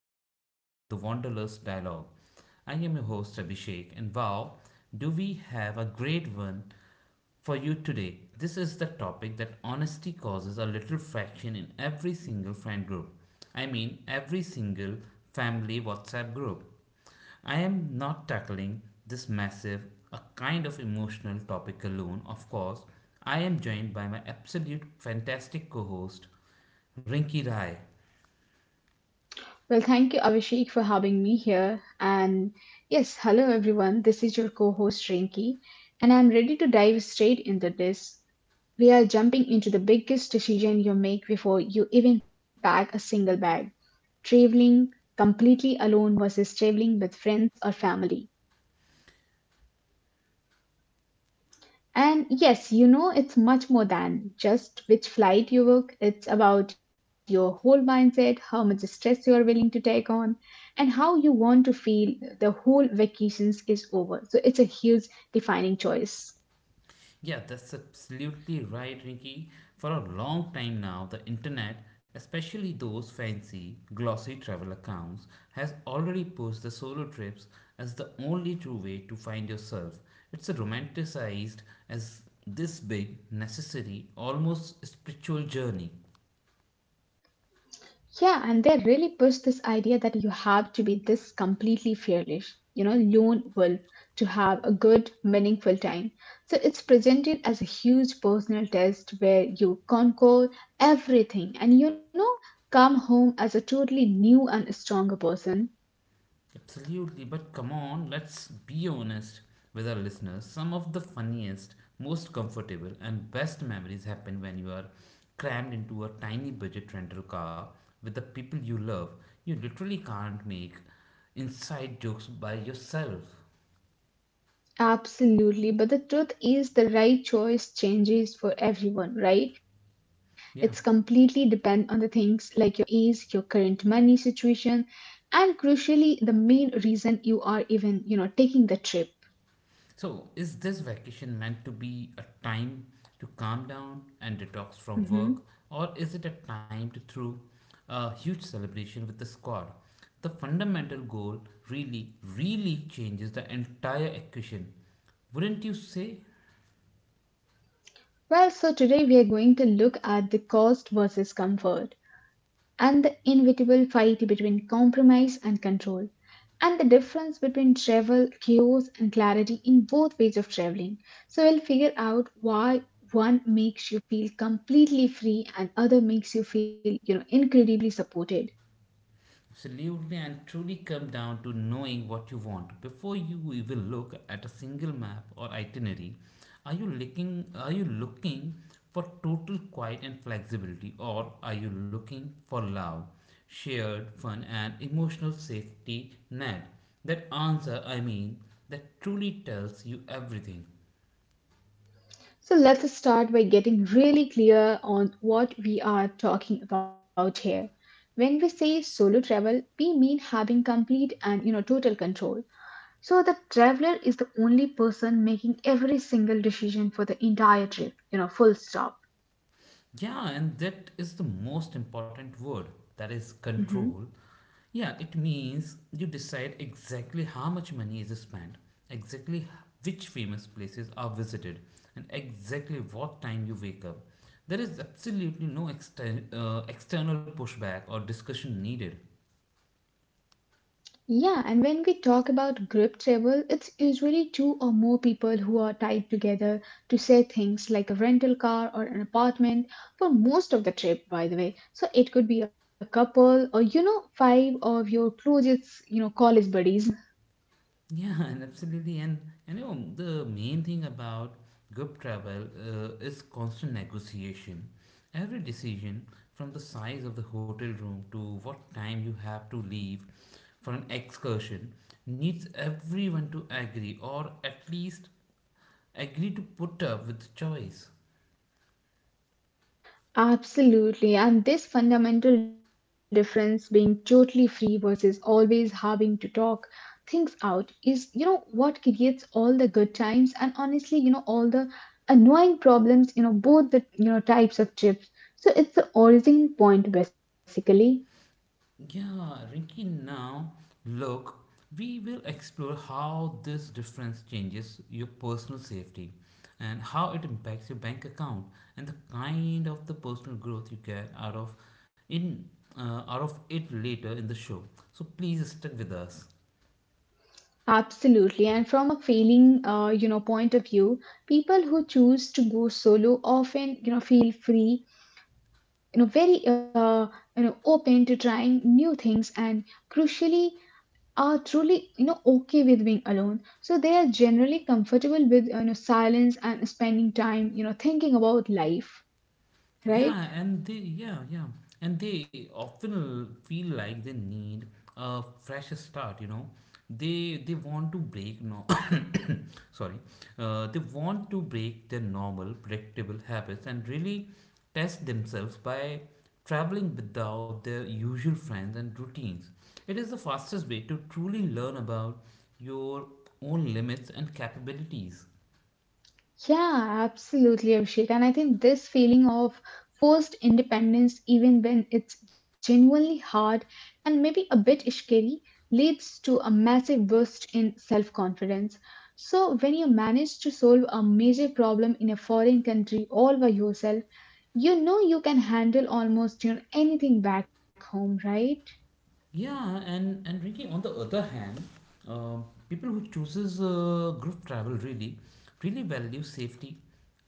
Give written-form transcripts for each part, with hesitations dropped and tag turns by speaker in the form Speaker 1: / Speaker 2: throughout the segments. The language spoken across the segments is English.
Speaker 1: welcome back to the Wanderlust Dialogue. I am your host Abhishek, and wow, do we have a great one for you today? This is the topic that honesty causes a little fraction in every single friend group. I mean, every single family WhatsApp group. I am not tackling this massive, a kind of emotional topic alone, of course. I am joined by my absolute fantastic co host, Rinky Rai.
Speaker 2: Well, thank you, Abhishek, for having me here. And yes, hello everyone. This is your co host, Rinki, and I'm ready to dive straight into this. We are jumping into the biggest decision you make before you even pack a single bag, traveling completely alone versus traveling with friends or family. And yes, it's much more than just which flight you book. It's about your whole mindset, how much stress you are willing to take on, and how you want to feel the whole vacations is over. So it's a huge defining choice.
Speaker 1: Yeah, that's absolutely right, Rinky. For a long time now, the internet, especially those fancy, glossy travel accounts, has already pushed the solo trips as the only true way to find yourself. It's romanticized as this big, necessary, almost spiritual journey.
Speaker 2: Yeah, and they really push this idea that you have to be this completely fearless, lone wolf to have a good, meaningful time. So it's presented as a huge personal test where you conquer everything and come home as a totally new and stronger person.
Speaker 1: Absolutely, but come on, let's be honest with our listeners. Some of the funniest, most comfortable, and best memories happen when you are crammed into a tiny budget rental car with the people you love. You literally can't make inside jokes by yourself.
Speaker 2: Absolutely. But the truth is, the right choice changes for everyone, right? It's completely
Speaker 1: Yeah.
Speaker 2: depend on the things like your age, your current money situation, and crucially, the main reason you are even, taking the trip.
Speaker 1: So, is this vacation meant to be a time to calm down and detox from work,
Speaker 2: Mhm.
Speaker 1: or is it a time to throw a huge celebration with the squad? The fundamental goal really, really changes the entire equation. Wouldn't you say?
Speaker 2: Well, so today we are going to look at the cost versus comfort, and the inevitable fight between compromise and control, and the difference between travel, chaos, and clarity in both ways of traveling. So we'll figure out why one makes you feel completely free and other makes you feel, incredibly supported.
Speaker 1: Absolutely, and truly come down to knowing what you want. Before you even look at a single map or itinerary, are you looking for total quiet and flexibility, or are you looking for love, shared fun and emotional safety net? That answer, I mean, that truly tells you everything.
Speaker 2: So let's start by getting really clear on what we are talking about here. When we say solo travel, we mean having complete and total control. So the traveler is the only person making every single decision for the entire trip, full stop.
Speaker 1: Yeah, and that is the most important word, that is
Speaker 2: Hmm.
Speaker 1: control. Yeah, it means you decide exactly how much money is spent, exactly which famous places are visited, and exactly what time you wake up. There is absolutely no external pushback or discussion needed.
Speaker 2: Yeah, and when we talk about group travel, it's usually two or more people who are tied together to say things like a rental car or an apartment for most of the trip, by the way. So it could be a couple or, five of your closest, college buddies.
Speaker 1: Yeah, and absolutely, and you know the main thing about group travel is constant negotiation. Every decision, from the size of the hotel room to what time you have to leave for an excursion, needs everyone to agree, or at least agree to put up with choice.
Speaker 2: Absolutely, and this fundamental difference being totally free versus always having to talk things out is, what creates all the good times and honestly, all the annoying problems, both the, types of trips. So it's the origin point basically.
Speaker 1: Yeah, Rinky, now look, we will explore how this difference changes your personal safety and how it impacts your bank account and the kind of the personal growth you get out of in out of it later in the show. So please stick with us.
Speaker 2: Absolutely, and from a failing, point of view, people who choose to go solo often, feel free, very, open to trying new things, and crucially are truly okay with being alone, so they are generally comfortable with silence and spending time thinking about life, right?
Speaker 1: Yeah, and they And they often feel like they need a fresh start, you know. They want to break no sorry. They want to break their normal predictable habits and really test themselves by traveling without their usual friends and routines. It is the fastest way to truly learn about your own limits and capabilities.
Speaker 2: Yeah, absolutely, Abhishek. And I think this feeling of forced independence, even when it's genuinely hard and maybe a bit scary, leads to a massive boost in self confidence. So, when you manage to solve a major problem in a foreign country all by yourself, you know you can handle almost anything back home, right?
Speaker 1: Yeah, and Ricky, on the other hand, people who chooses group travel really, really value safety,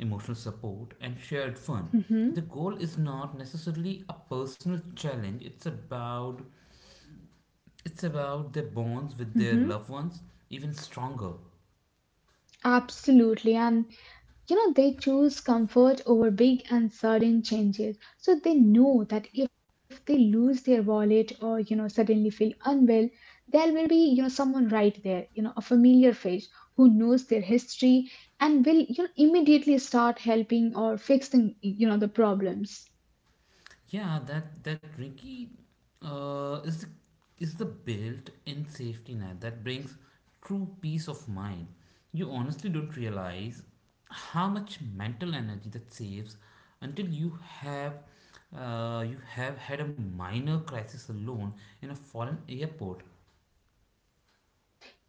Speaker 1: emotional support, and shared fun.
Speaker 2: Mm-hmm,
Speaker 1: The goal is not necessarily a personal challenge. It's about their bonds with their
Speaker 2: mm-hmm.
Speaker 1: loved ones even stronger.
Speaker 2: Absolutely. And you know they choose comfort over big and sudden changes, so they know that if they lose their wallet or suddenly feel unwell, there will be someone right there, a familiar face who knows their history and will immediately start helping or fixing the problems.
Speaker 1: Yeah, that Ricky uh, is the, is the built-in safety net that brings true peace of mind. You honestly don't realize how much mental energy that saves until you have had a minor crisis alone in a foreign airport.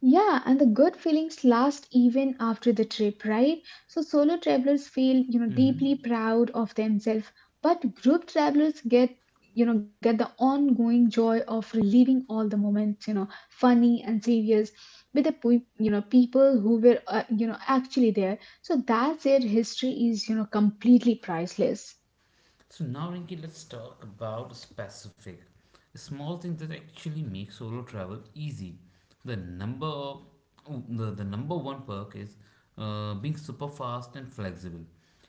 Speaker 2: Yeah, and the good feelings last even after the trip, right? So solo travelers feel,
Speaker 1: Mm-hmm.
Speaker 2: deeply proud of themselves, but group travelers get, get the ongoing joy of reliving all the moments, funny and serious, with the, people who were, actually there. So that's their history is, completely priceless.
Speaker 1: So now, Rinky, let's talk about specific, a small thing that actually make solo travel easy. The number, oh, the number one perk is being super fast and flexible.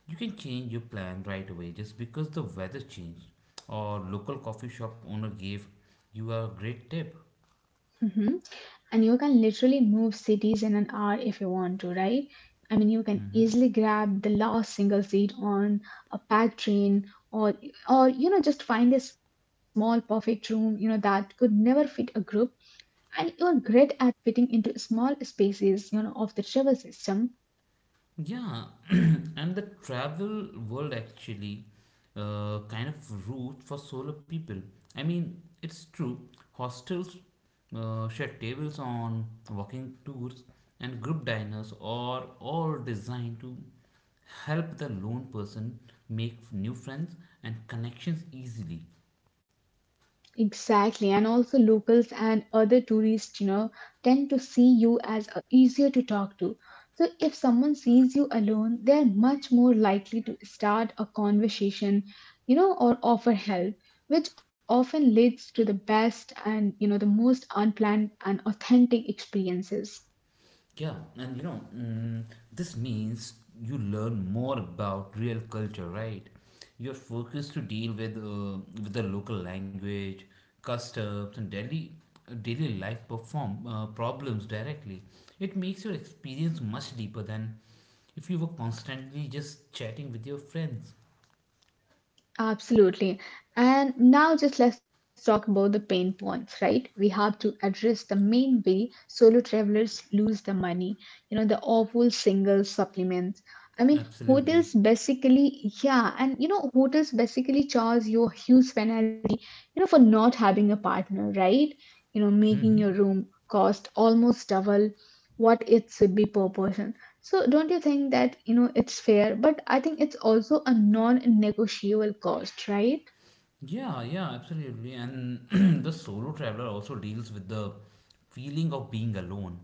Speaker 1: You can change your plan right away just because the weather changed or local coffee shop owner gave you a great tip.
Speaker 2: Hmm. And you can literally move cities in an hour if you want to, right? I mean, you can
Speaker 1: hmm
Speaker 2: easily grab the last single seat on a packed train, or just find a small perfect room that could never fit a group, and you're great at fitting into small spaces of the travel system.
Speaker 1: Yeah, and the travel world actually kind of route for solo people. I mean, it's true. Hostels shared tables on walking tours and group diners are all designed to help the lone person make new friends and connections easily.
Speaker 2: Exactly, and also locals and other tourists, tend to see you as easier to talk to. So if someone sees you alone, they're much more likely to start a conversation, or offer help, which often leads to the best and, the most unplanned and authentic experiences.
Speaker 1: Yeah, and you know this means you learn more about real culture, right? You're focused to deal with the local language, customs and daily life perform problems directly. It makes your experience much deeper than if you were constantly just chatting with your friends.
Speaker 2: Absolutely. And now just let's talk about the pain points, right? We have to address the main way solo travelers lose the money, the awful single supplements. I mean,
Speaker 1: Absolutely.
Speaker 2: hotels basically, yeah, and hotels basically charge you a huge penalty for not having a partner, right? You know, making your
Speaker 1: hmm
Speaker 2: room cost almost double what it should be per person. So don't you think that, it's fair, but I think it's also a non-negotiable cost, right?
Speaker 1: Yeah, yeah, absolutely. And the solo traveler also deals with the feeling of being alone.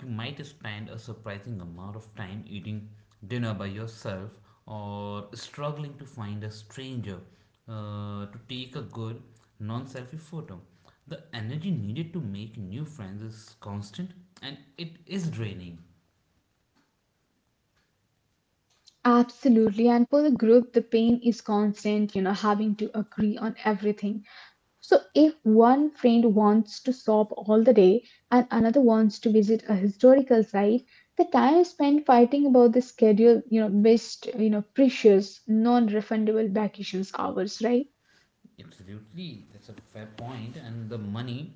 Speaker 1: You might spend a surprising amount of time eating dinner by yourself or struggling to find a stranger to take a good non selfie photo. The energy needed to make new friends is constant and it is draining.
Speaker 2: Absolutely. And for the group, the pain is constant, having to agree on everything. So if one friend wants to sob all the day and another wants to visit a historical site, the time spent fighting about the schedule, missed, precious, non-refundable vacations hours, right?
Speaker 1: Absolutely, that's a fair point. And the money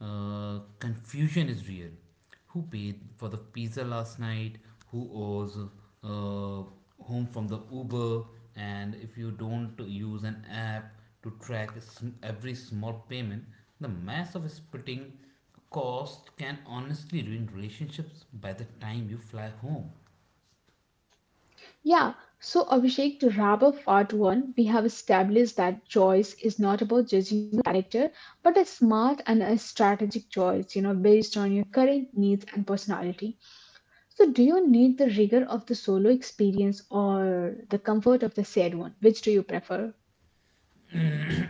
Speaker 1: confusion is real. Who paid for the pizza last night? Who owes whom from the Uber? And if you don't use an app to track every small payment, the mass of splitting cost can honestly ruin relationships by the time you fly home.
Speaker 2: Yeah, so Abhishek, to wrap up part one, we have established that choice is not about judging your character, but a smart and a strategic choice, based on your current needs and personality. So, do you need the rigor of the solo experience or the comfort of the shared one? Which do you prefer?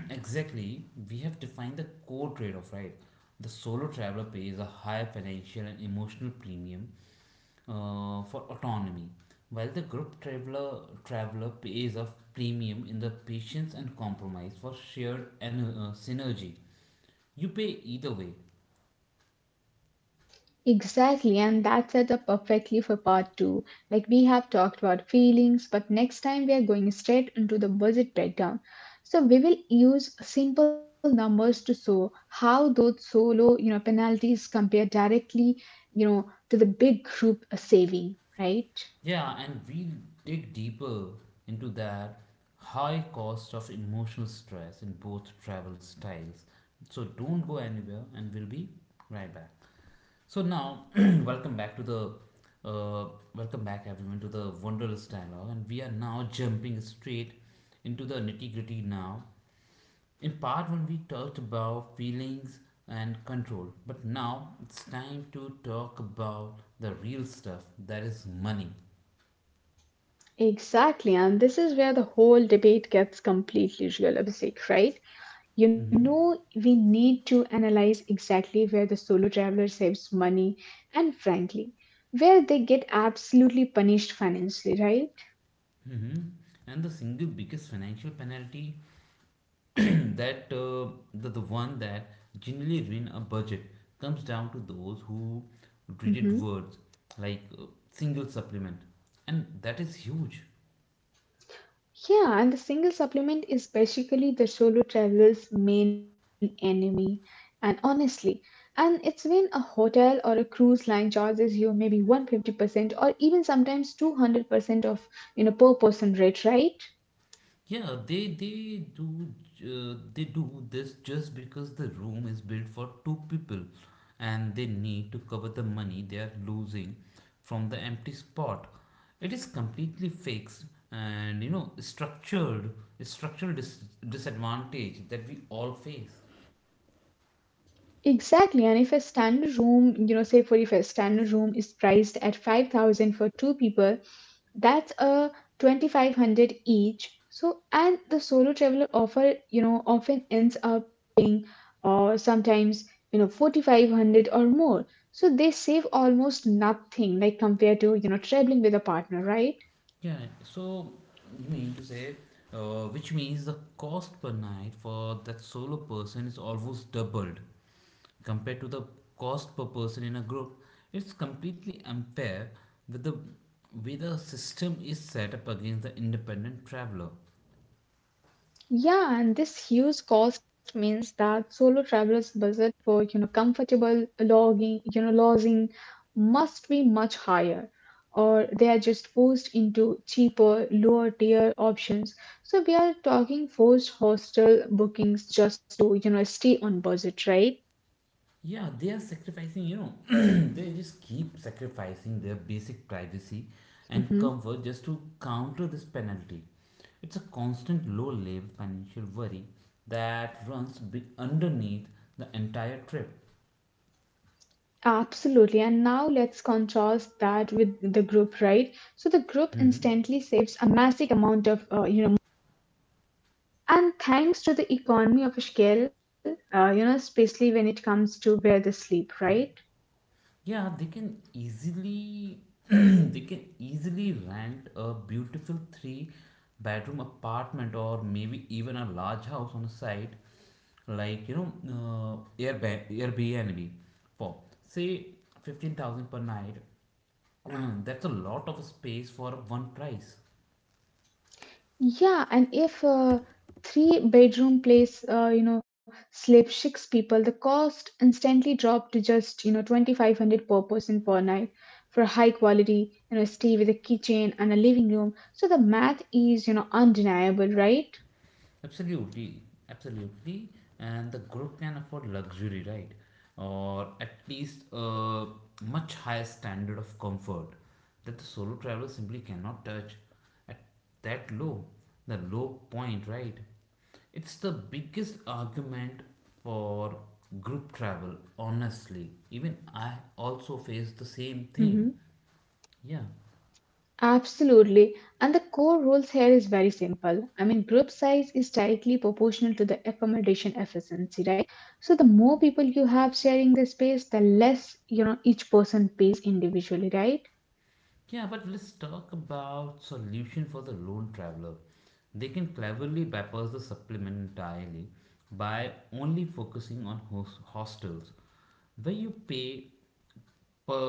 Speaker 1: Exactly, we have defined the core trade off, right? The solo traveler pays a high financial and emotional premium for autonomy, while the group traveler pays a premium in the patience and compromise for shared and synergy. You pay either way.
Speaker 2: Exactly, and that set up perfectly for part two. Like we have talked about feelings, but next time we are going straight into the budget breakdown. So we will use simple numbers to show how those solo, penalties compare directly, to the big group saving, right?
Speaker 1: Yeah, and we dig deeper into that high cost of emotional stress in both travel styles. So don't go anywhere, and we'll be right back. So now, welcome back to the uh, welcome back everyone to the Wonderless Dialogue, and we are now jumping straight into the nitty gritty. Now, in part one, we talked about feelings and control, but now it's time to talk about the real stuff, that is money.
Speaker 2: Exactly, and this is where the whole debate gets completely realistic, right? You
Speaker 1: Mm-hmm.
Speaker 2: know, we need to analyze exactly where the solo traveler saves money and, frankly, where they get absolutely punished financially, right?
Speaker 1: Mm-hmm. And the single biggest financial penalty, that the one that generally ruin a budget, comes down to those who reject
Speaker 2: Hmm.
Speaker 1: words like single supplement, and that is huge.
Speaker 2: Yeah, and the single supplement is basically the solo traveler's main enemy. And honestly, and it's when a hotel or a cruise line charges you maybe 150% or even sometimes 200% of, per person rate, right?
Speaker 1: Yeah, they do this just because the room is built for two people and they need to cover the money they are losing from the empty spot. It is completely fixed, and you know structured disadvantage that we all face.
Speaker 2: Exactly, and if a standard room, say for if a standard room is priced at 5,000 for two people, that's a 2,500 each. So, and the solo traveler offer, often ends up or sometimes, 4,500 or more. So they save almost nothing like compared to, traveling with a partner, right?
Speaker 1: Yeah, so you mean to say, which means the cost per night for that solo person is almost doubled compared to the cost per person in a group. It's completely unfair with the way the system is set up against the independent traveler.
Speaker 2: Yeah, and this huge cost means that solo travelers' budget for comfortable logging, lodging must be much higher, or they are just forced into cheaper, lower tier options. So we are talking forced hostel bookings just to stay on budget, right?
Speaker 1: Yeah, they are sacrificing, you know, they just keep sacrificing their basic privacy and
Speaker 2: Mm-hmm.
Speaker 1: comfort just to counter this penalty. It's a constant low level financial worry that runs be underneath the entire trip.
Speaker 2: Absolutely. And now let's contrast that with the group, right? So the group
Speaker 1: Mhm.
Speaker 2: instantly saves a massive amount of, you know. And thanks to the economy of scale, especially when it comes to where they sleep, right?
Speaker 1: Yeah, they can easily they can easily rent a beautiful three-bedroom apartment or maybe even a large house on a site like you know Airbnb for say 15,000 per night. That's a lot of space for one price.
Speaker 2: Yeah, and if a three-bedroom place, sleeps six people, the cost instantly drop to just, 2,500 per person per night for high quality, stay with a kitchen and a living room. So the math is, undeniable, right?
Speaker 1: Absolutely, absolutely, and the group can afford luxury, right? Or at least a much higher standard of comfort that the solo traveler simply cannot touch at that low, the low point, right? It's the biggest argument for group travel, honestly. Even I also face the same thing.
Speaker 2: Hmm.
Speaker 1: Yeah.
Speaker 2: Absolutely. And the core rules here is very simple. I mean, group size is directly proportional to the accommodation efficiency, right? So the more people you have sharing the space, the less, each person pays individually, right?
Speaker 1: Yeah, but let's talk about solution for the lone traveler. They can cleverly bypass the supplement entirely by only focusing on hostels where you pay per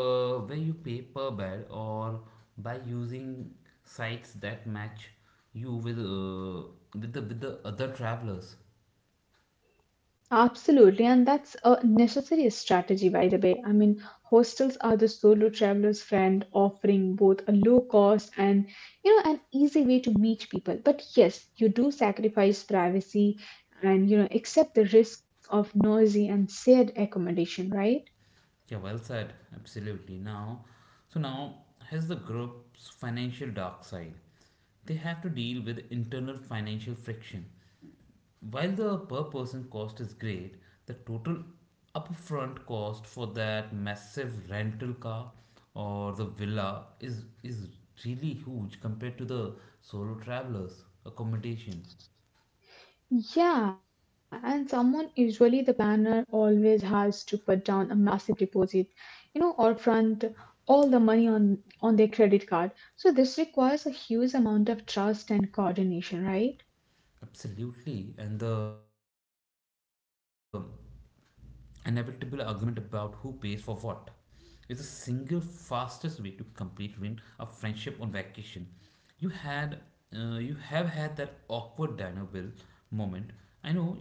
Speaker 1: bed, or by using sites that match you with with the other travelers.
Speaker 2: Absolutely, and that's a necessary strategy, by the way. I mean, hostels are the solo traveler's friend, offering both a low cost and an easy way to meet people. But yes, you do sacrifice privacy and accept the risk of noisy and shared accommodation, right?
Speaker 1: Yeah, well said. Absolutely. Now has the group's financial dark side. They have to deal with internal financial friction. While the per person cost is great, the total upfront cost for that massive rental car or the villa is really huge compared to the solo travelers accommodation.
Speaker 2: Yeah, and someone, usually the planner, always has to put down a massive deposit, or front all the money on their credit card. So this requires a huge amount of trust and coordination, right?
Speaker 1: Absolutely, and the inevitable argument about who pays for what is the single fastest way to complete ruin a friendship on vacation. You had, you have had that awkward dino bill moment. I know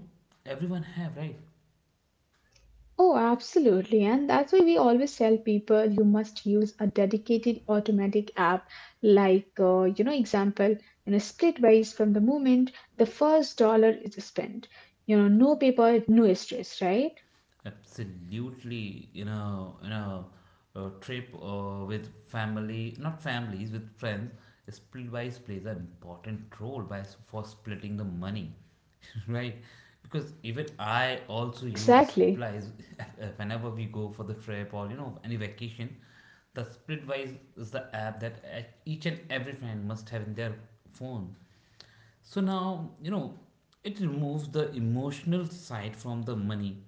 Speaker 1: everyone have, right?
Speaker 2: Oh, absolutely. And that's why we always tell people you must use a dedicated automatic app like, example, Splitwise from the moment the first dollar is spent. You know, no paper, no stress, right?
Speaker 1: Absolutely, you know, a trip with family, not families, with friends. Split buys plays an important role by for splitting the money, right? Because even I also use
Speaker 2: Exactly.
Speaker 1: splice whenever we go for the trip or you know any vacation. The Splitwise is the app that each and every friend must have in their phone. So now, you know, it removes the emotional side from the money.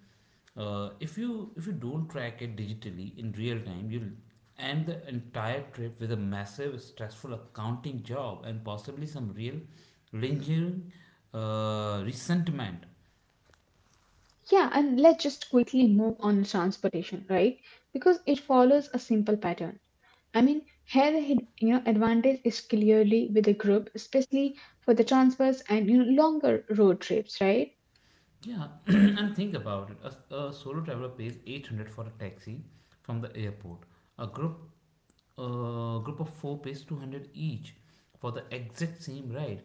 Speaker 1: If you don't track it digitally in real time, you'll end the entire trip with a massive stressful accounting job and possibly some real lingering resentment.
Speaker 2: Yeah, and let's just quickly move on to transportation, right? Because it follows a simple pattern. I mean, here the advantage is clearly with the group, especially for the transfers and longer road trips, right?
Speaker 1: Yeah, and think about it. A solo traveler pays 800 for a taxi from the airport. A group a group of four pays 200 each for the exact same ride.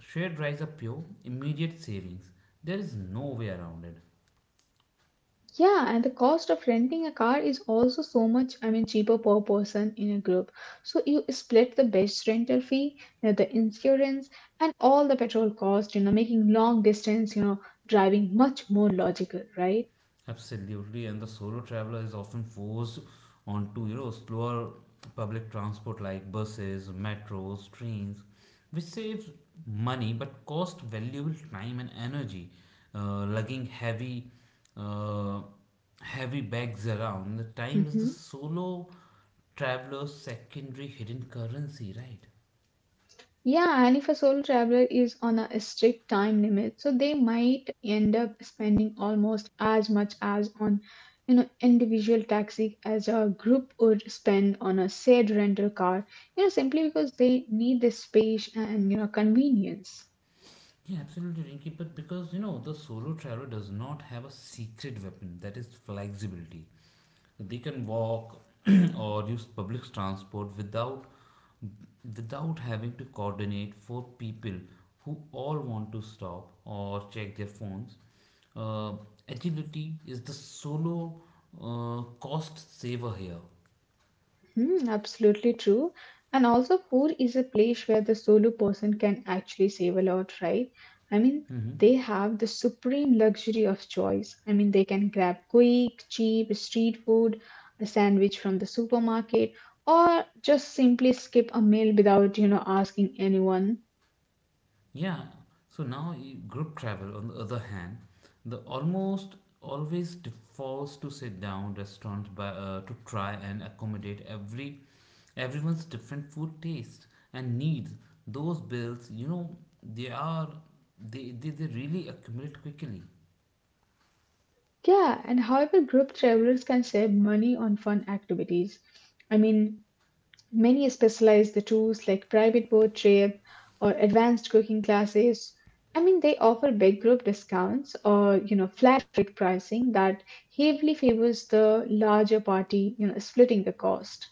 Speaker 1: Shared rides are pure, immediate savings. There is no way around it.
Speaker 2: Yeah, and the cost of renting a car is also so much, I mean, cheaper per person in a group. So you split the base rental fee, you know, the insurance, and all the petrol cost, you know, making long distance, you know, driving much more logical, right?
Speaker 1: Absolutely, and the solo traveler is often forced onto you know slower public transport like buses, metros, trains, which saves money but cost valuable time and energy. Lugging uh, heavy bags around. The time is the
Speaker 2: Mhm.
Speaker 1: solo traveler's secondary hidden currency, right?
Speaker 2: Yeah, and if a solo traveler is on a strict time limit, so they might end up spending almost as much as on, you know, individual taxi as a group would spend on a shared rental car, you know, simply because they need the space and, you know, convenience.
Speaker 1: Yeah, absolutely, Rinky. But because you know the solo traveler does not have a secret weapon that is flexibility. They can walk or use public transport without having to coordinate for people who all want to stop or check their phones. Uh, Agility is the solo cost saver here.
Speaker 2: Absolutely true. And also, food is a place where the solo person can actually save a lot, right? I mean,
Speaker 1: Hmm.
Speaker 2: they have the supreme luxury of choice. I mean, they can grab quick, cheap street food, a sandwich from the supermarket, or just simply skip a meal without, you know, asking anyone.
Speaker 1: Yeah. So now group travel, on the other hand, the almost always defaults to sit down restaurants by, to try and accommodate everyone's different food taste and needs. Those bills, you know, they are they really accumulate quickly.
Speaker 2: Yeah, and however, group travelers can save money on fun activities. I mean, many specialize the tools like private boat trip or advanced cooking classes. I mean, they offer big group discounts or, you know, flat rate pricing that heavily favors the larger party, you know, splitting the cost.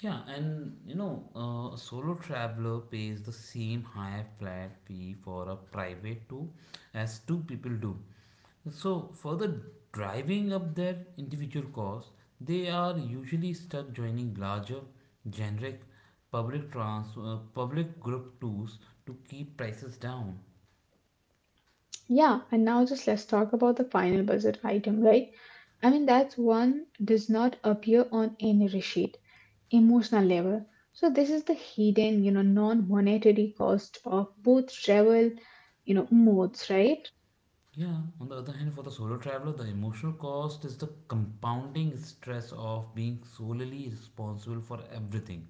Speaker 1: Yeah, and you know, a solo traveler pays the same higher flat fee for a private tour as two people do. So, further driving up their individual costs, they are usually stuck joining larger, generic public group tours to keep prices down.
Speaker 2: Yeah, and now just let's talk about the final budget item, right? I mean, that's one does not appear on any receipt. Emotional level. So this is the hidden, you know, non-monetary cost of both travel, you know, modes, right?
Speaker 1: Yeah, on the other hand, for the solo traveler, the emotional cost is the compounding stress of being solely responsible for everything.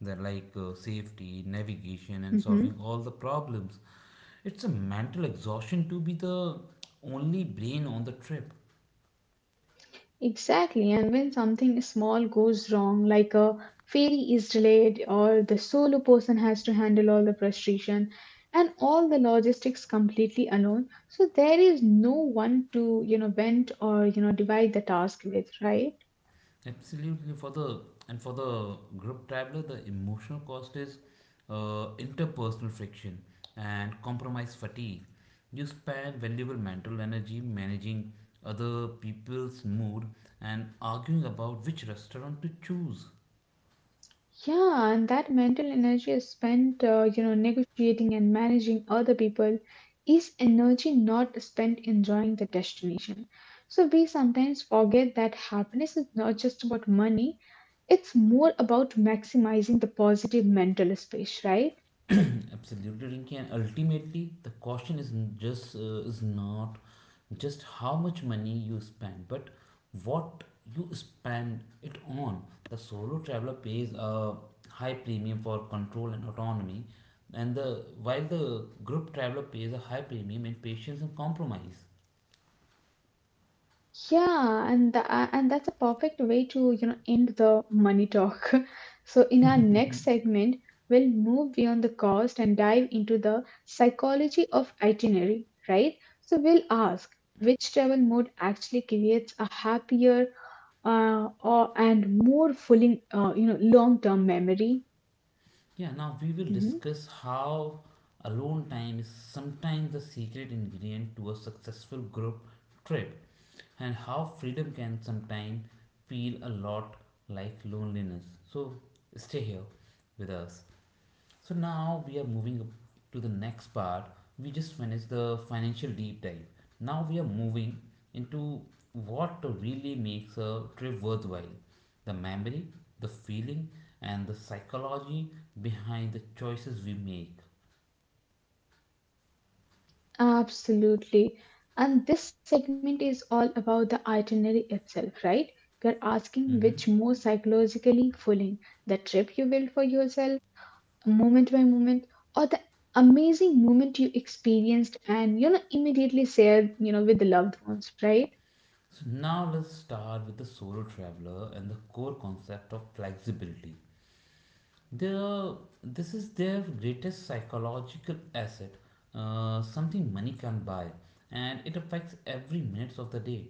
Speaker 1: That like safety, navigation, and
Speaker 2: hmm
Speaker 1: solving all the problems. It's a mental exhaustion to be the only brain on the trip.
Speaker 2: Exactly, and when something small goes wrong, like a ferry is delayed or the solo person has to handle all the frustration and all the logistics completely alone, so there is no one to, you know, vent or, you know, divide the task with, right?
Speaker 1: Absolutely, for the and for the group traveler, the emotional cost is interpersonal friction and compromise fatigue. You spend valuable mental energy managing other people's mood and arguing about which restaurant to choose.
Speaker 2: Yeah, and that mental energy is spent, you know, negotiating and managing other people is energy not spent enjoying the destination. So we sometimes forget that happiness is not just about money, it's more about maximizing the positive mental space, right?
Speaker 1: Absolutely, Rinki. And ultimately, the question is n- just is not just how much money you spend, but what you spend it on. The solo traveler pays a high premium for control and autonomy, and the while the group traveler pays a high premium in patience and compromise.
Speaker 2: Yeah, and tha and that's a perfect way to, you know, end the money talk. So in our next segment, we'll move beyond the cost and dive into the psychology of itinerary, right? So we'll ask which travel mode actually creates a happier or and more fulfilling, you know, long-term memory.
Speaker 1: Yeah, now we will
Speaker 2: Mhm.
Speaker 1: discuss how alone time is sometimes the secret ingredient to a successful group trip and how freedom can sometimes feel a lot like loneliness. So stay here with us. So now we are moving up to the next part. We just finished the financial deep dive. Now we are moving into what really makes a trip worthwhile: the memory, the feeling, and the psychology behind the choices we make.
Speaker 2: Absolutely. And this segment is all about the itinerary itself, right? We're asking which
Speaker 1: Hmm.
Speaker 2: more psychologically fulfilling the trip you built for yourself, moment by moment, or the amazing moment you experienced and, you know, immediately shared, you know, with the loved ones, right?
Speaker 1: So now let's start with the solo traveler and the core concept of flexibility. Their, this is their greatest psychological asset, something money can't buy, and it affects every minute of the day.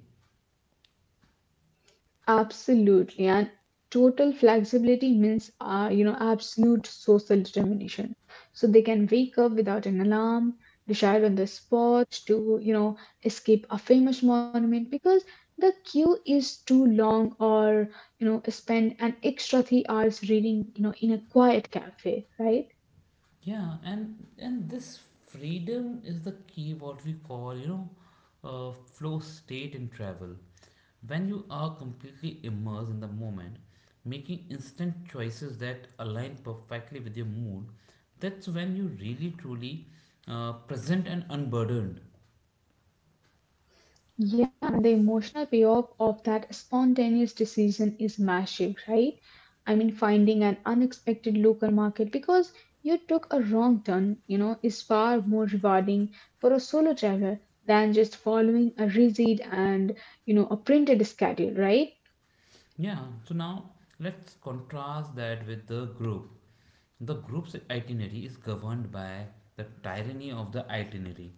Speaker 2: Absolutely. And total flexibility means, you know, absolute social determination. So they can wake up without an alarm, decide on the spot to, you know, escape a famous monument because the queue is too long or, you know, spend an extra 3 hours reading, you know, in a quiet cafe, right?
Speaker 1: Yeah, and this freedom is the key. What we call, you know, flow state in travel. When you are completely immersed in the moment, making instant choices that align perfectly with your mood, that's when you really truly present and unburdened.
Speaker 2: The emotional payoff of that spontaneous decision is massive, right? I mean, finding an unexpected local market because you took a wrong turn, you know, is far more rewarding for a solo traveler than just following a rigid and, you know, a printed schedule, right?
Speaker 1: Yeah, so now let's contrast that with the group. The group's itinerary is governed by the tyranny of the itinerary.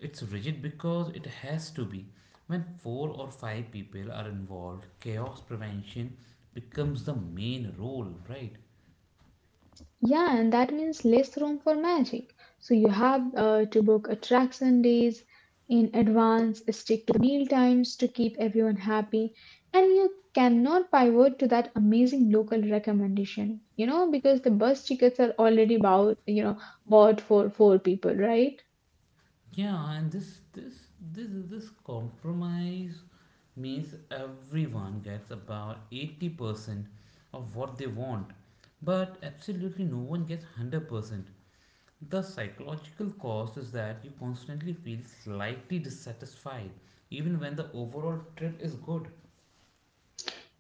Speaker 1: It's rigid because it has to be. When four or five people are involved, chaos prevention becomes the main role, right?
Speaker 2: Yeah, and that means less room for magic. So you have to book attraction days in advance, stick to the meal times to keep everyone happy, and you cannot pivot to that amazing local recommendation, you know, because the bus tickets are already bought for four people, right?
Speaker 1: Yeah, and this compromise means everyone gets about 80% of what they want, but absolutely no one gets 100%. The psychological cost is that you constantly feel slightly dissatisfied, even when the overall trip is good.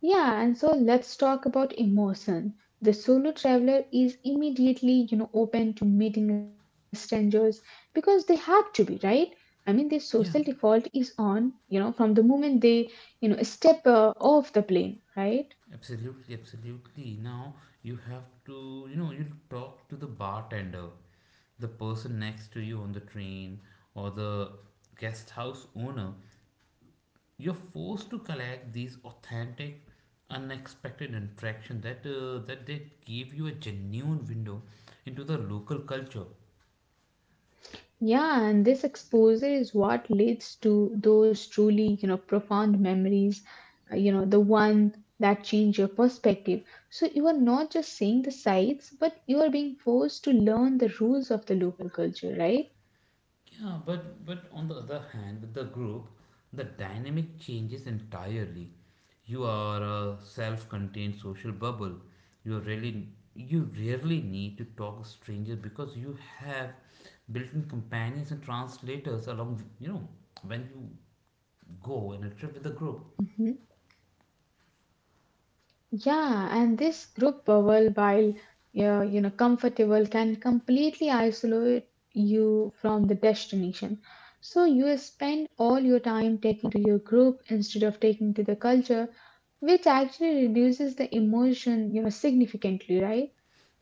Speaker 2: Yeah, and so let's talk about emotion. The solo traveler is immediately, you know, open to meeting strangers because they have to be, right? I mean, their social
Speaker 1: Yeah,
Speaker 2: default is on, you know, from the moment they, you know, step off the plane, right?
Speaker 1: absolutely, absolutely. Now you have to, you know, you talk to the bartender, the person next to you on the train, or the guest house owner. You're forced to collect these authentic, unexpected interaction that they give you a genuine window into the local culture.
Speaker 2: Yeah, and this exposure is what leads to those truly, you know, profound memories, you know, the one that change your perspective. So you are not just seeing the sights, but you are being forced to learn the rules of the local culture, right?
Speaker 1: Yeah, but on the other hand, with the group, the dynamic changes entirely. You are a self-contained social bubble. You really you rarely need to talk to strangers because you have built-in companions and translators along. You know, when you go on a trip with the group,
Speaker 2: Mhm. Yeah, and this group bubble, while you know, comfortable, can completely isolate you from the destination. So you spend all your time taking to your group instead of taking to the culture, which actually reduces the emotion, you know, significantly, right?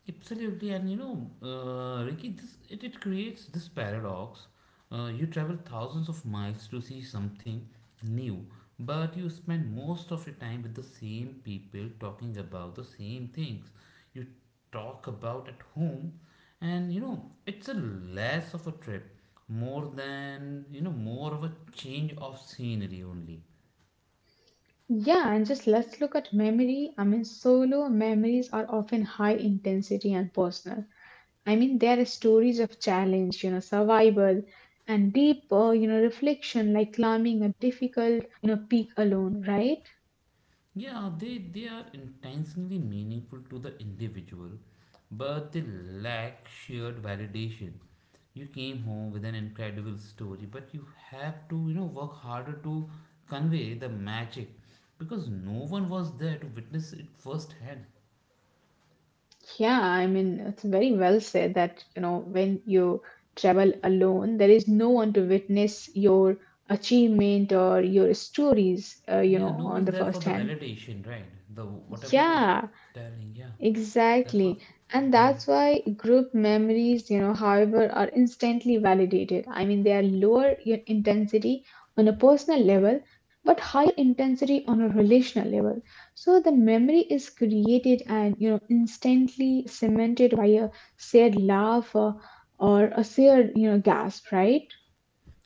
Speaker 1: absolutely, and you know, Ricky, it creates this paradox. You travel thousands of miles to see something new, but you spend most of your time with the same people talking about the same things you talk about at home, and you know, it's a less of a trip, more than you know, more of a change of scenery only.
Speaker 2: Yeah, and just let's look at memory. I mean, solo memories are often high intensity and personal. I mean, there are stories of challenge, you know, survival and deep, you know, reflection like climbing a difficult, you know, peak alone, right?
Speaker 1: Yeah, they are intentionally meaningful to the individual, but they lack shared validation. You came home with an incredible story, but you have to, you know, work harder to convey the magic because no one was there to witness it firsthand.
Speaker 2: Yeah, I mean, it's very well said that, you know, when you travel alone, there is no one to witness your achievement or your stories, you
Speaker 1: Yeah, no
Speaker 2: know, on
Speaker 1: one's
Speaker 2: the
Speaker 1: there for
Speaker 2: first
Speaker 1: the
Speaker 2: hand.
Speaker 1: validation, right? The whatever you
Speaker 2: Yeah,
Speaker 1: telling, yeah, that was.
Speaker 2: exactly. And
Speaker 1: Mhm.
Speaker 2: that's why group memories, you know, however, are instantly validated. I mean, they are lower intensity on a personal level, but higher intensity on a relational level. So the memory is created and, you know, instantly cemented by a shared laugh or a shared, you know, gasp, right?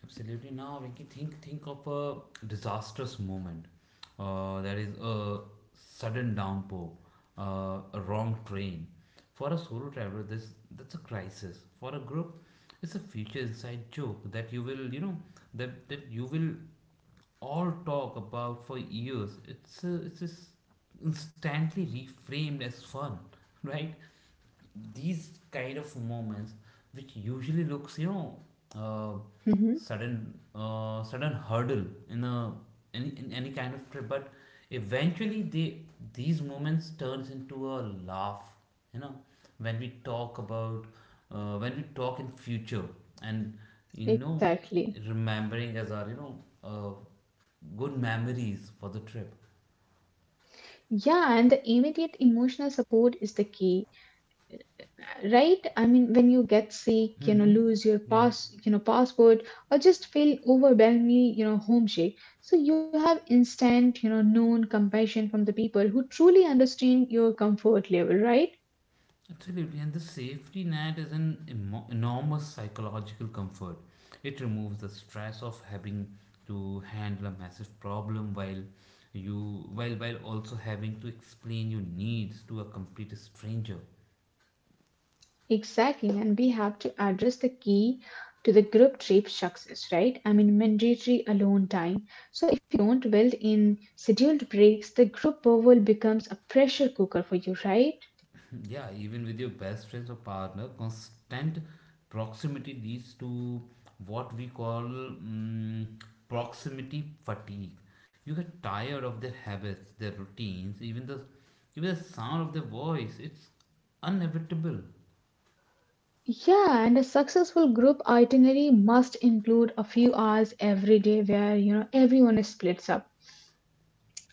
Speaker 1: Absolutely. Now, Ricky, think of a disastrous moment. That is a sudden downpour, a wrong train. For a solo traveler, this that's a crisis. For a group, it's a future inside joke that you will, you know, that you will all talk about for years. It's a, it's just instantly reframed as fun, right? These kind of moments which usually looks you know uh,
Speaker 2: hmm
Speaker 1: sudden hurdle in any kind of trip but eventually they these moments turns into a laugh you know when we talk about when we talk in future and you know
Speaker 2: Exactly.
Speaker 1: remembering as our you know uh, good memories for the trip.
Speaker 2: Yeah, and the immediate emotional support is the key. Right, I mean when you get sick, you know,
Speaker 1: Mm-hmm.
Speaker 2: lose your
Speaker 1: Yeah.
Speaker 2: passport or just feel overwhelmingly, you know, homesick, so you have instant, you know, known compassion from the people who truly understand your comfort level, right?
Speaker 1: Absolutely, and the safety net is an enormous psychological comfort. It removes the stress of having to handle a massive problem while you while also having to explain your needs to a complete stranger.
Speaker 2: Exactly, and we have to address the key to the group trip success, right? I mean, mandatory alone time. So if you don't build in scheduled breaks, the group will becomes a pressure cooker for you, right?
Speaker 1: Yeah, even with your best friends or partner, constant proximity leads to what we call proximity fatigue. You get tired of their habits, their routines, even the sound of their voice. It's inevitable.
Speaker 2: Yeah, and a successful group itinerary must include a few hours every day where, you know, everyone is splits up.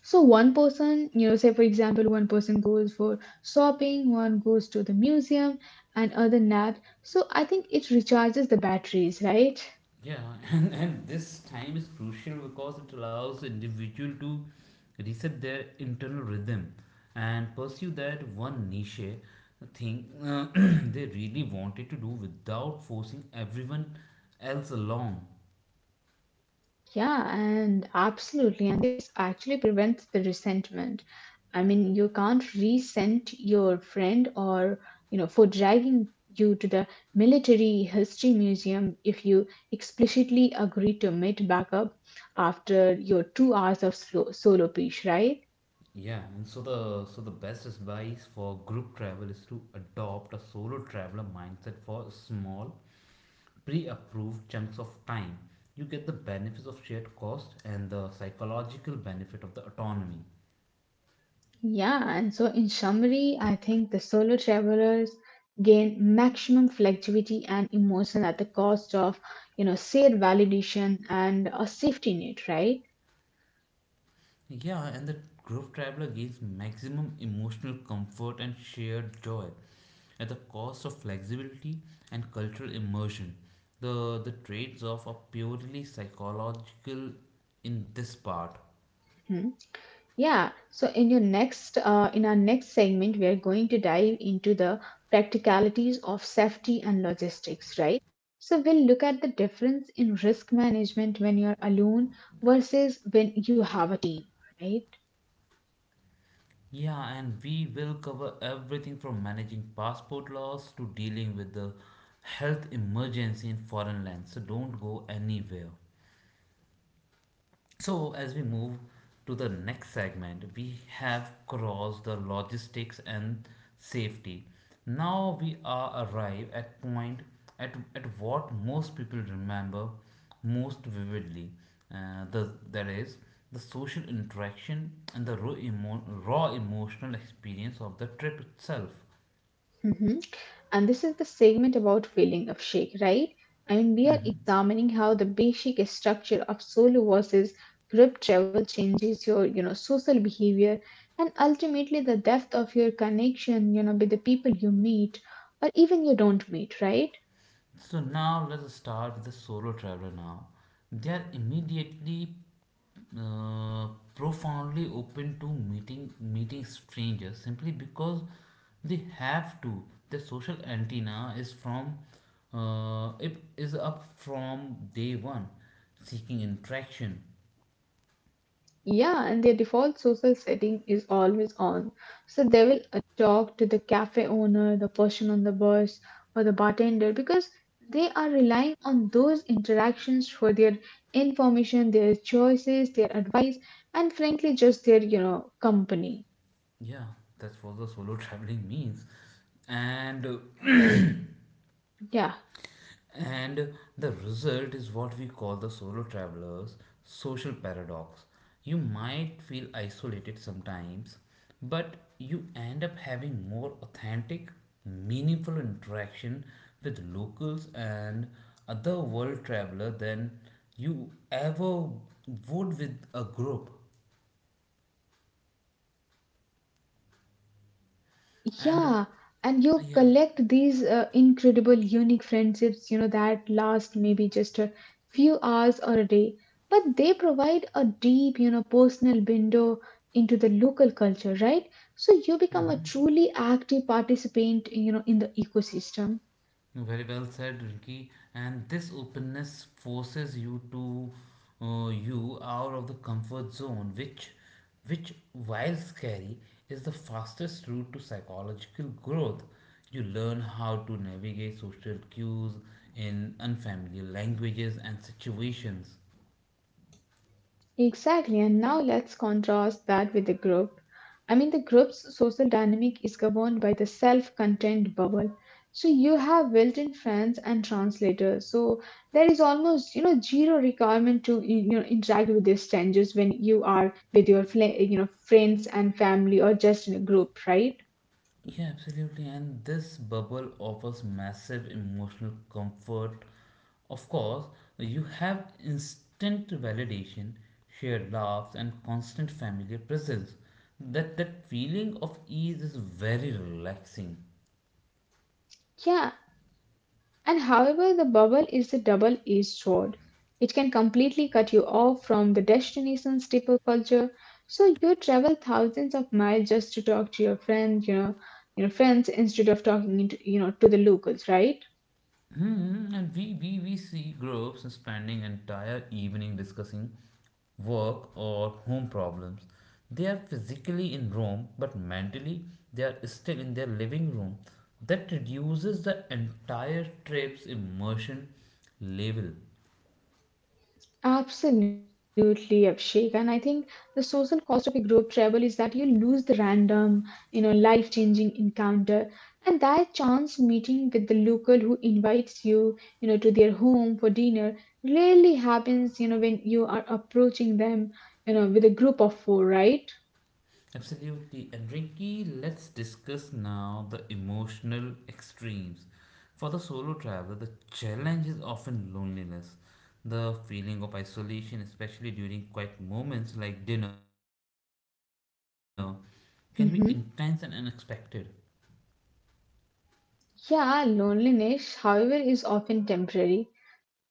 Speaker 2: So one person, you know, say for example, one person goes for shopping, one goes to the museum, and other nap. So I think it recharges the batteries, right?
Speaker 1: Yeah, and this time is crucial because it allows individual to reset their internal rhythm and pursue that one niche thing they really wanted to do without forcing everyone else along.
Speaker 2: Yeah, and absolutely. And this actually prevents the resentment. I mean, you can't resent your friend or, you know, for dragging you to the military history museum if you explicitly agree to meet back up after your 2 hours of solo piece, right?
Speaker 1: Yeah, and so the best advice for group travel is to adopt a solo traveler mindset for small pre-approved chunks of time. You get the benefits of shared cost and the psychological benefit of the autonomy.
Speaker 2: Yeah, and so in summary, I think the solo travelers gain maximum flexibility and emotion at the cost of, you know, shared validation and a safety net, right?
Speaker 1: Yeah, and the group traveler gains maximum emotional comfort and shared joy at the cost of flexibility and cultural immersion. The traits of are purely psychological in this part.
Speaker 2: Hmm. Yeah. So in your next, in our next segment, we are going to dive into the practicalities of safety and logistics, right? So we'll look at the difference in risk management when you're alone versus when you have a team, right?
Speaker 1: Yeah, and we will cover everything from managing passport laws to dealing with the health emergency in foreign lands. So don't go anywhere. So, as we move to the next segment, we have crossed the logistics and safety. Now we are arrive at point at what most people remember most vividly. That is the social interaction and the raw, raw emotional experience of the trip itself.
Speaker 2: Mhm. And this is the segment about feeling of shake, right? I mean, we are
Speaker 1: Mhm.
Speaker 2: examining how the basic structure of solo versus group travel changes your, you know, social behavior and ultimately the depth of your connection, you know, with the people you meet or even you don't meet, right?
Speaker 1: So now let's start with the solo traveler now. They are immediately uh, profoundly open to meeting strangers simply because they have to. Their social antenna is from it is up from day one, seeking interaction.
Speaker 2: Yeah, and their default social setting is always on. So they will talk to the cafe owner, the person on the bus, or the bartender because they are relying on those interactions for their information, their choices, their advice, and frankly, just their, you know, company.
Speaker 1: Yeah, that's what the solo traveling means. And
Speaker 2: Yeah.
Speaker 1: and the result is what we call the solo traveler's social paradox. You might feel isolated sometimes, but you end up having more authentic, meaningful interaction with locals and other world traveler than you ever would with a group. And
Speaker 2: Yeah, and you
Speaker 1: yeah.
Speaker 2: collect these incredible, unique friendships, you know, that last maybe just a few hours or a day, but they provide a deep, you know, personal window into the local culture, right? So you become a
Speaker 1: Hmm.
Speaker 2: truly active participant, you know, in the ecosystem.
Speaker 1: Very well said, Ricky. And this openness forces you to you out of the comfort zone, which while scary, is the fastest route to psychological growth. You learn how to navigate social cues in unfamiliar languages and situations.
Speaker 2: Exactly, and now let's contrast that with the group. I mean, the group's social dynamic is governed by the self contained bubble. So you have built in friends and translators. So there is almost, you know, zero requirement to, you know, interact with these strangers when you are with your, you know, friends and family or just in a group, right?
Speaker 1: Yeah, absolutely. And this bubble offers massive emotional comfort. Of course, you have instant validation, shared laughs, and constant familiar presence. That feeling of ease is very relaxing.
Speaker 2: Yeah. And however, the bubble is a double edged sword. It can completely cut you off from the destination's tipper culture. So you travel thousands of miles just to talk to your friends instead of talking into, you know, to the locals, right?
Speaker 1: Hmm, and we see groups spending entire evening discussing work or home problems. They are physically in Rome, but mentally they are still in their living room. That reduces the entire trip's immersion level.
Speaker 2: Absolutely, Abhishek. And I think the social cost of a group travel is that you lose the random, you know, life-changing encounter and that chance meeting with the local who invites you, you know, to their home for dinner rarely happens, you know, when you are approaching them, you know, with a group of four, right?
Speaker 1: Absolutely. And Rinky, let's discuss now the emotional extremes. For the solo traveler, the challenge is often loneliness. The feeling of isolation, especially during quiet moments like dinner, can be intense and unexpected.
Speaker 2: Mhm. Yeah, loneliness, however, is often temporary.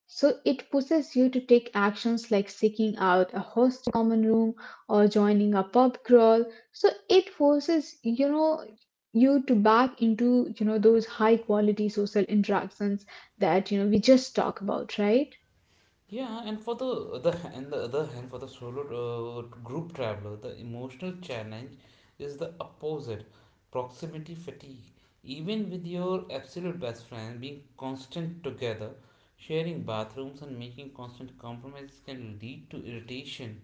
Speaker 2: So it pushes you to take actions like seeking out a hostel common room or joining a pub crawl. So it forces, you know, you to back into, you know, those high quality social interactions that, you know, we just talk about, right?
Speaker 1: Yeah, and for the other and the other hand, for the solo group traveler, the emotional challenge is the opposite, proximity fatigue. Even with your absolute best friend, being constant together, sharing bathrooms and making constant compromises can lead to irritation.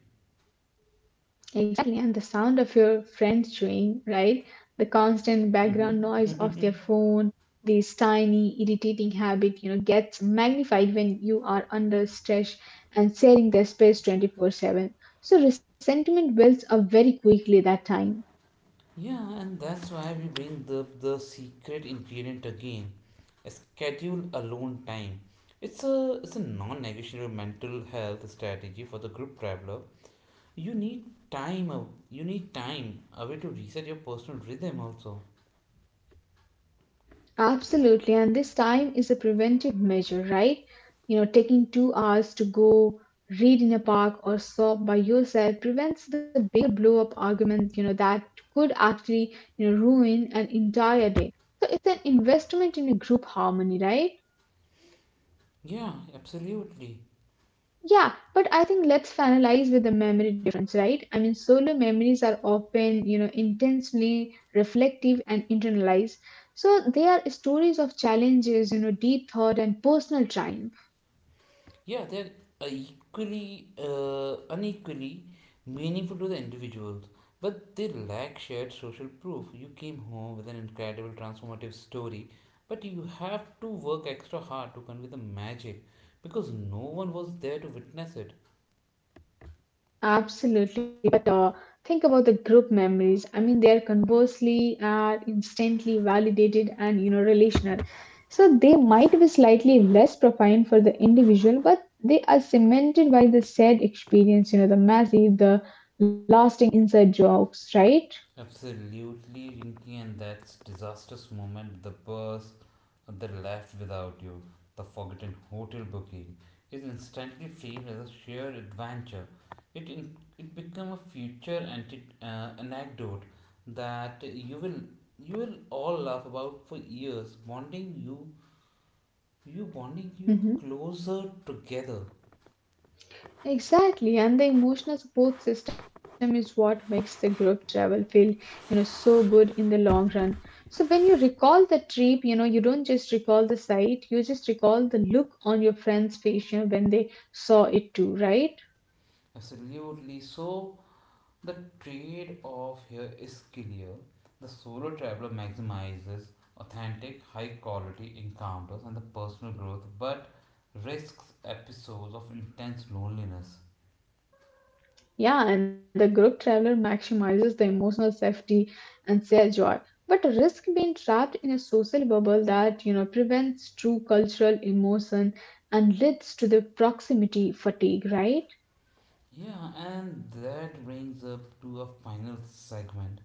Speaker 2: Exactly, and the sound of your friends chewing, right? The constant background noise of their
Speaker 1: Mm-hmm.
Speaker 2: phone, this tiny, irritating habit, you know, gets magnified when you are under stress and sharing their space 24/7. So resentment builds up very quickly that time.
Speaker 1: Yeah, and that's why we bring the secret ingredient again. Schedule alone time. It's a non-negotiable mental health strategy for the group traveler. You need time. You need time away to reset your personal rhythm also.
Speaker 2: Absolutely. And this time is a preventive measure, right? You know, taking 2 hours to go read in a park or shop by yourself prevents the bigger blow up argument, you know, that could actually, you know, ruin an entire day. So it's an investment in a group harmony, right?
Speaker 1: Yeah, absolutely.
Speaker 2: Yeah, but I think let's finalize with the memory difference, right? I mean, solo memories are often, intensely reflective and internalized. So they are stories of challenges, deep thought and personal triumph.
Speaker 1: Yeah, they're equally unequally meaningful to the individuals, but they lack shared social proof. You came home with an incredible transformative story, but you have to work extra hard to convey the magic because no one was there to witness it.
Speaker 2: Absolutely. But think about the group memories. I mean, they are conversely instantly validated and relational. So they might be slightly less profound for the individual, but they are cemented by the said experience, the messy, the lasting inside jokes, right?
Speaker 1: Absolutely, Rinky, and that's disastrous moment. The bus that left without you, the forgotten hotel booking, is instantly framed as a sheer adventure. It become a future anecdote that you will all laugh about for years, bonding you
Speaker 2: Hmm.
Speaker 1: closer together.
Speaker 2: Exactly, and the emotional support system is what makes the group travel feel, so good in the long run. So when you recall the trip, you don't just recall the sight, you just recall the look on your friend's face, when they saw it too, right?
Speaker 1: Absolutely. So the trade off here is clear. The solo traveler maximizes authentic, high quality encounters and the personal growth, but risks episodes of intense loneliness.
Speaker 2: Yeah, and the group traveler maximizes the emotional safety and shared joy. But risk being trapped in a social bubble that, prevents true cultural emotion and leads to the proximity fatigue, right?
Speaker 1: Yeah, and that brings up to a final segment.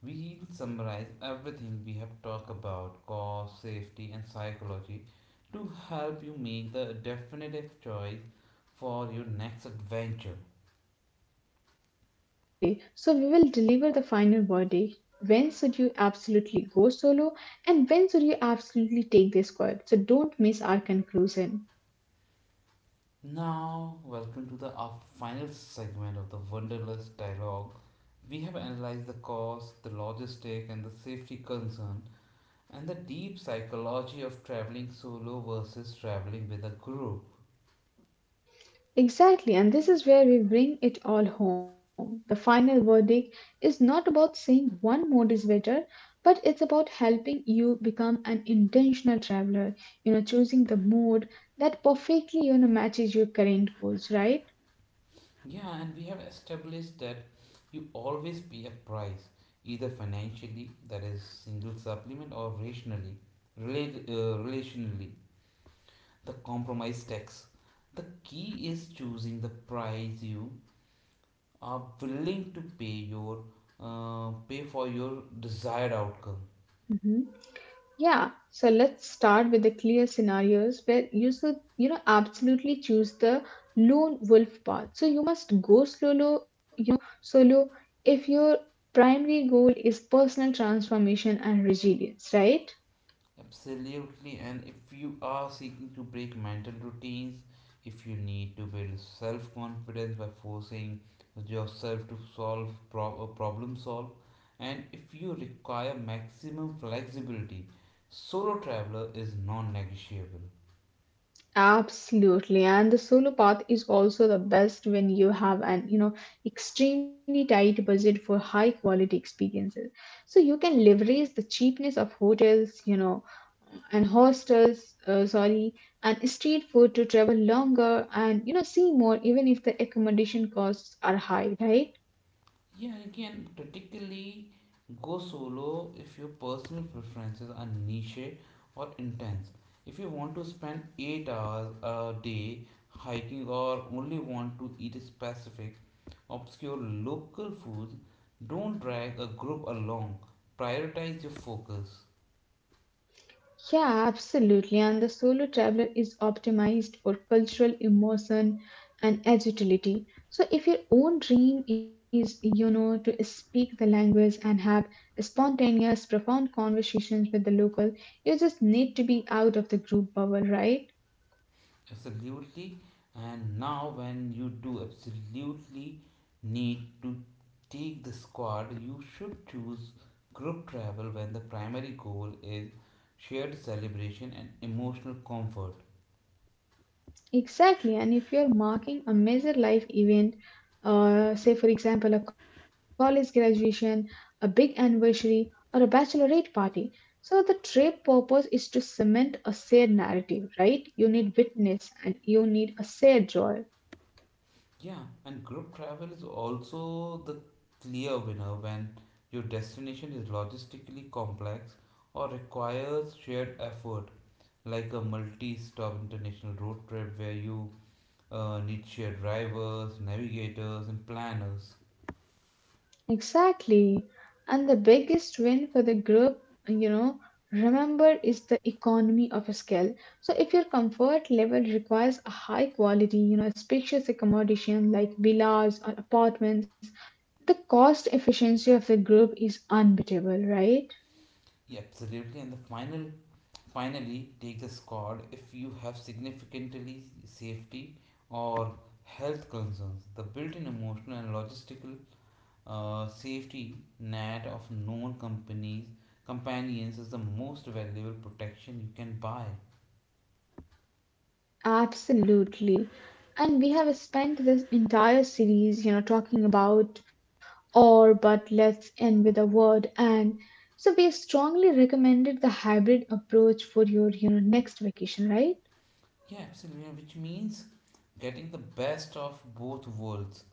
Speaker 1: We'll summarize everything we have talked about cost, safety, and psychology to help you make the definitive choice for your next adventure.
Speaker 2: Exactly. So we will deliver the final verdict. When should you absolutely go solo and when should you absolutely take the squad? So don't miss our conclusion.
Speaker 1: Now, welcome to the our final segment of the Wonderless Dialogue. We have analyzed the cost, the logistic, and the safety concern, and the deep psychology of traveling solo versus traveling with a group.
Speaker 2: Exactly. And this is where we bring it all home. The final verdict is not about saying one mode is better, but it's about helping you become an intentional traveler, choosing the mode that perfectly, matches your current goals, right?
Speaker 1: Yeah, and we have established that you always pay a price, either financially, that is, single supplement, or rationally, relationally, the compromise tax. The key is choosing the price you are willing to pay your pay for your desired outcome.
Speaker 2: Mhm. Yeah, so let's start with the clear scenarios where you should, absolutely choose the lone wolf path. So you must go solo, solo if your primary goal is personal transformation and resilience, right?
Speaker 1: Absolutely, and if you are seeking to break mental routines, if you need to build self confidence by forcing yourself to solve problem solve, and if you require maximum flexibility, solo traveler is non negotiable.
Speaker 2: Absolutely, and the solo path is also the best when you have an extremely tight budget for high quality experiences. So you can leverage the cheapness of hotels, and and street food to travel longer and see more, even if the accommodation costs are high, right?
Speaker 1: Yeah, you can practically go solo if your personal preferences are niche or intense. If you want to spend 8 hours a day hiking or only want to eat specific, obscure local foods, don't drag a group along. Prioritize your focus.
Speaker 2: Yeah, absolutely, and the solo traveler is optimized for cultural immersion and agility. So if your own dream is, to speak the language and have spontaneous, profound conversations with the local, you just need to be out of the group bubble, right?
Speaker 1: Absolutely. And now, when you do absolutely need to take the squad, you should choose group travel when the primary goal is shared celebration and emotional comfort.
Speaker 2: Exactly. And if you're marking a major life event, say for example a college graduation, a big anniversary, or a bachelorette party, so the trip purpose is to cement a shared narrative, right? You need witness and you need a shared joy.
Speaker 1: Yeah, and group travel is also the clear winner when your destination is logistically complex or requires shared effort, like a multi stop international road trip where you need shared drivers, navigators, and planners.
Speaker 2: Exactly. And the biggest win for the group, you know, remember is the economy of a skill. So if your comfort level requires a high quality, spacious accommodation like villas or apartments, the cost efficiency of the group is unbeatable, right?
Speaker 1: Yeah, absolutely. And finally, take the squad if you have significantly safety or health concerns. The built-in emotional and logistical safety net of known companies companions is the most valuable protection you can buy.
Speaker 2: Absolutely. And we have spent this entire series, talking about or, but let's end with a word. And so we strongly recommended the hybrid approach for your, next vacation, right?
Speaker 1: Yeah, absolutely. Which means getting the best of both worlds: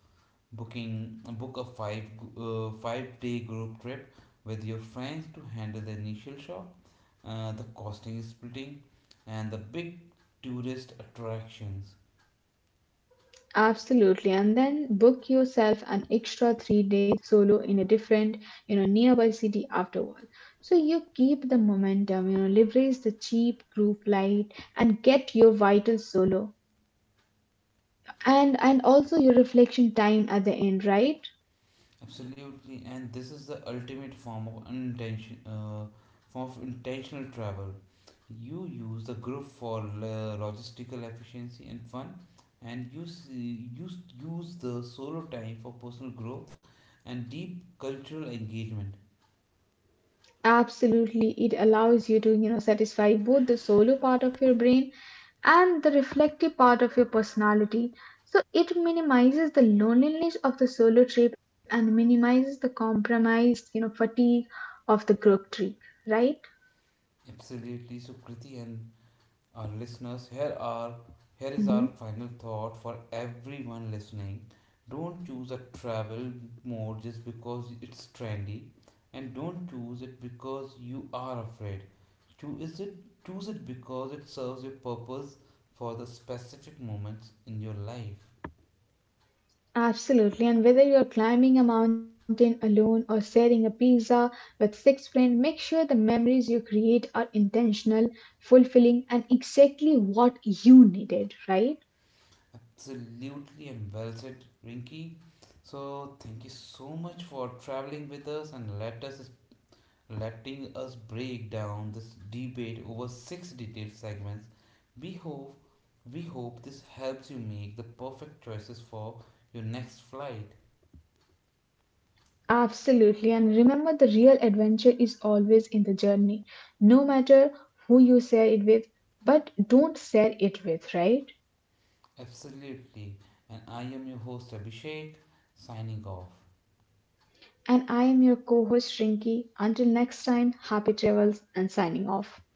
Speaker 1: book a 5-day group trip with your friends to handle the initial shock, the costing splitting and the big tourist attractions.
Speaker 2: Absolutely. And then book yourself an extra 3 days solo in a different, nearby city afterward. So you keep the momentum, leverage the cheap group light and get your vital solo. And also your reflection time at the end, right?
Speaker 1: Absolutely, and this is the ultimate form of intentional travel. You use the group for logistical efficiency and fun, and you use the solo time for personal growth and deep cultural engagement.
Speaker 2: Absolutely, it allows you to, satisfy both the solo part of your brain and the reflective part of your personality. So it minimizes the loneliness of the solo trip and minimizes the compromise, fatigue of the group trip, right?
Speaker 1: Absolutely, Sukriti and our listeners. Here is our
Speaker 2: Hmm.
Speaker 1: final thought for everyone listening. Don't choose a travel mode just because it's trendy, and don't choose it because you are afraid. Choose it Choose it because it serves your purpose for the specific moments in your life.
Speaker 2: Absolutely. And whether you're climbing a mountain alone or sharing a pizza with 6 friends, make sure the memories you create are intentional, fulfilling, and exactly what you needed, right?
Speaker 1: Absolutely, and well said, Rinky. So thank you so much for traveling with us, and let us letting us break down this debate over six detailed segments. We hope we hope this helps you make the perfect choices for your next flight.
Speaker 2: Absolutely. And remember, the real adventure is always in the journey, no matter who you share it with, but don't share it with, right?
Speaker 1: Absolutely. And I am your host Abhishek signing off.
Speaker 2: And I am your co host, Shrinky. Until next time, happy travels and signing off.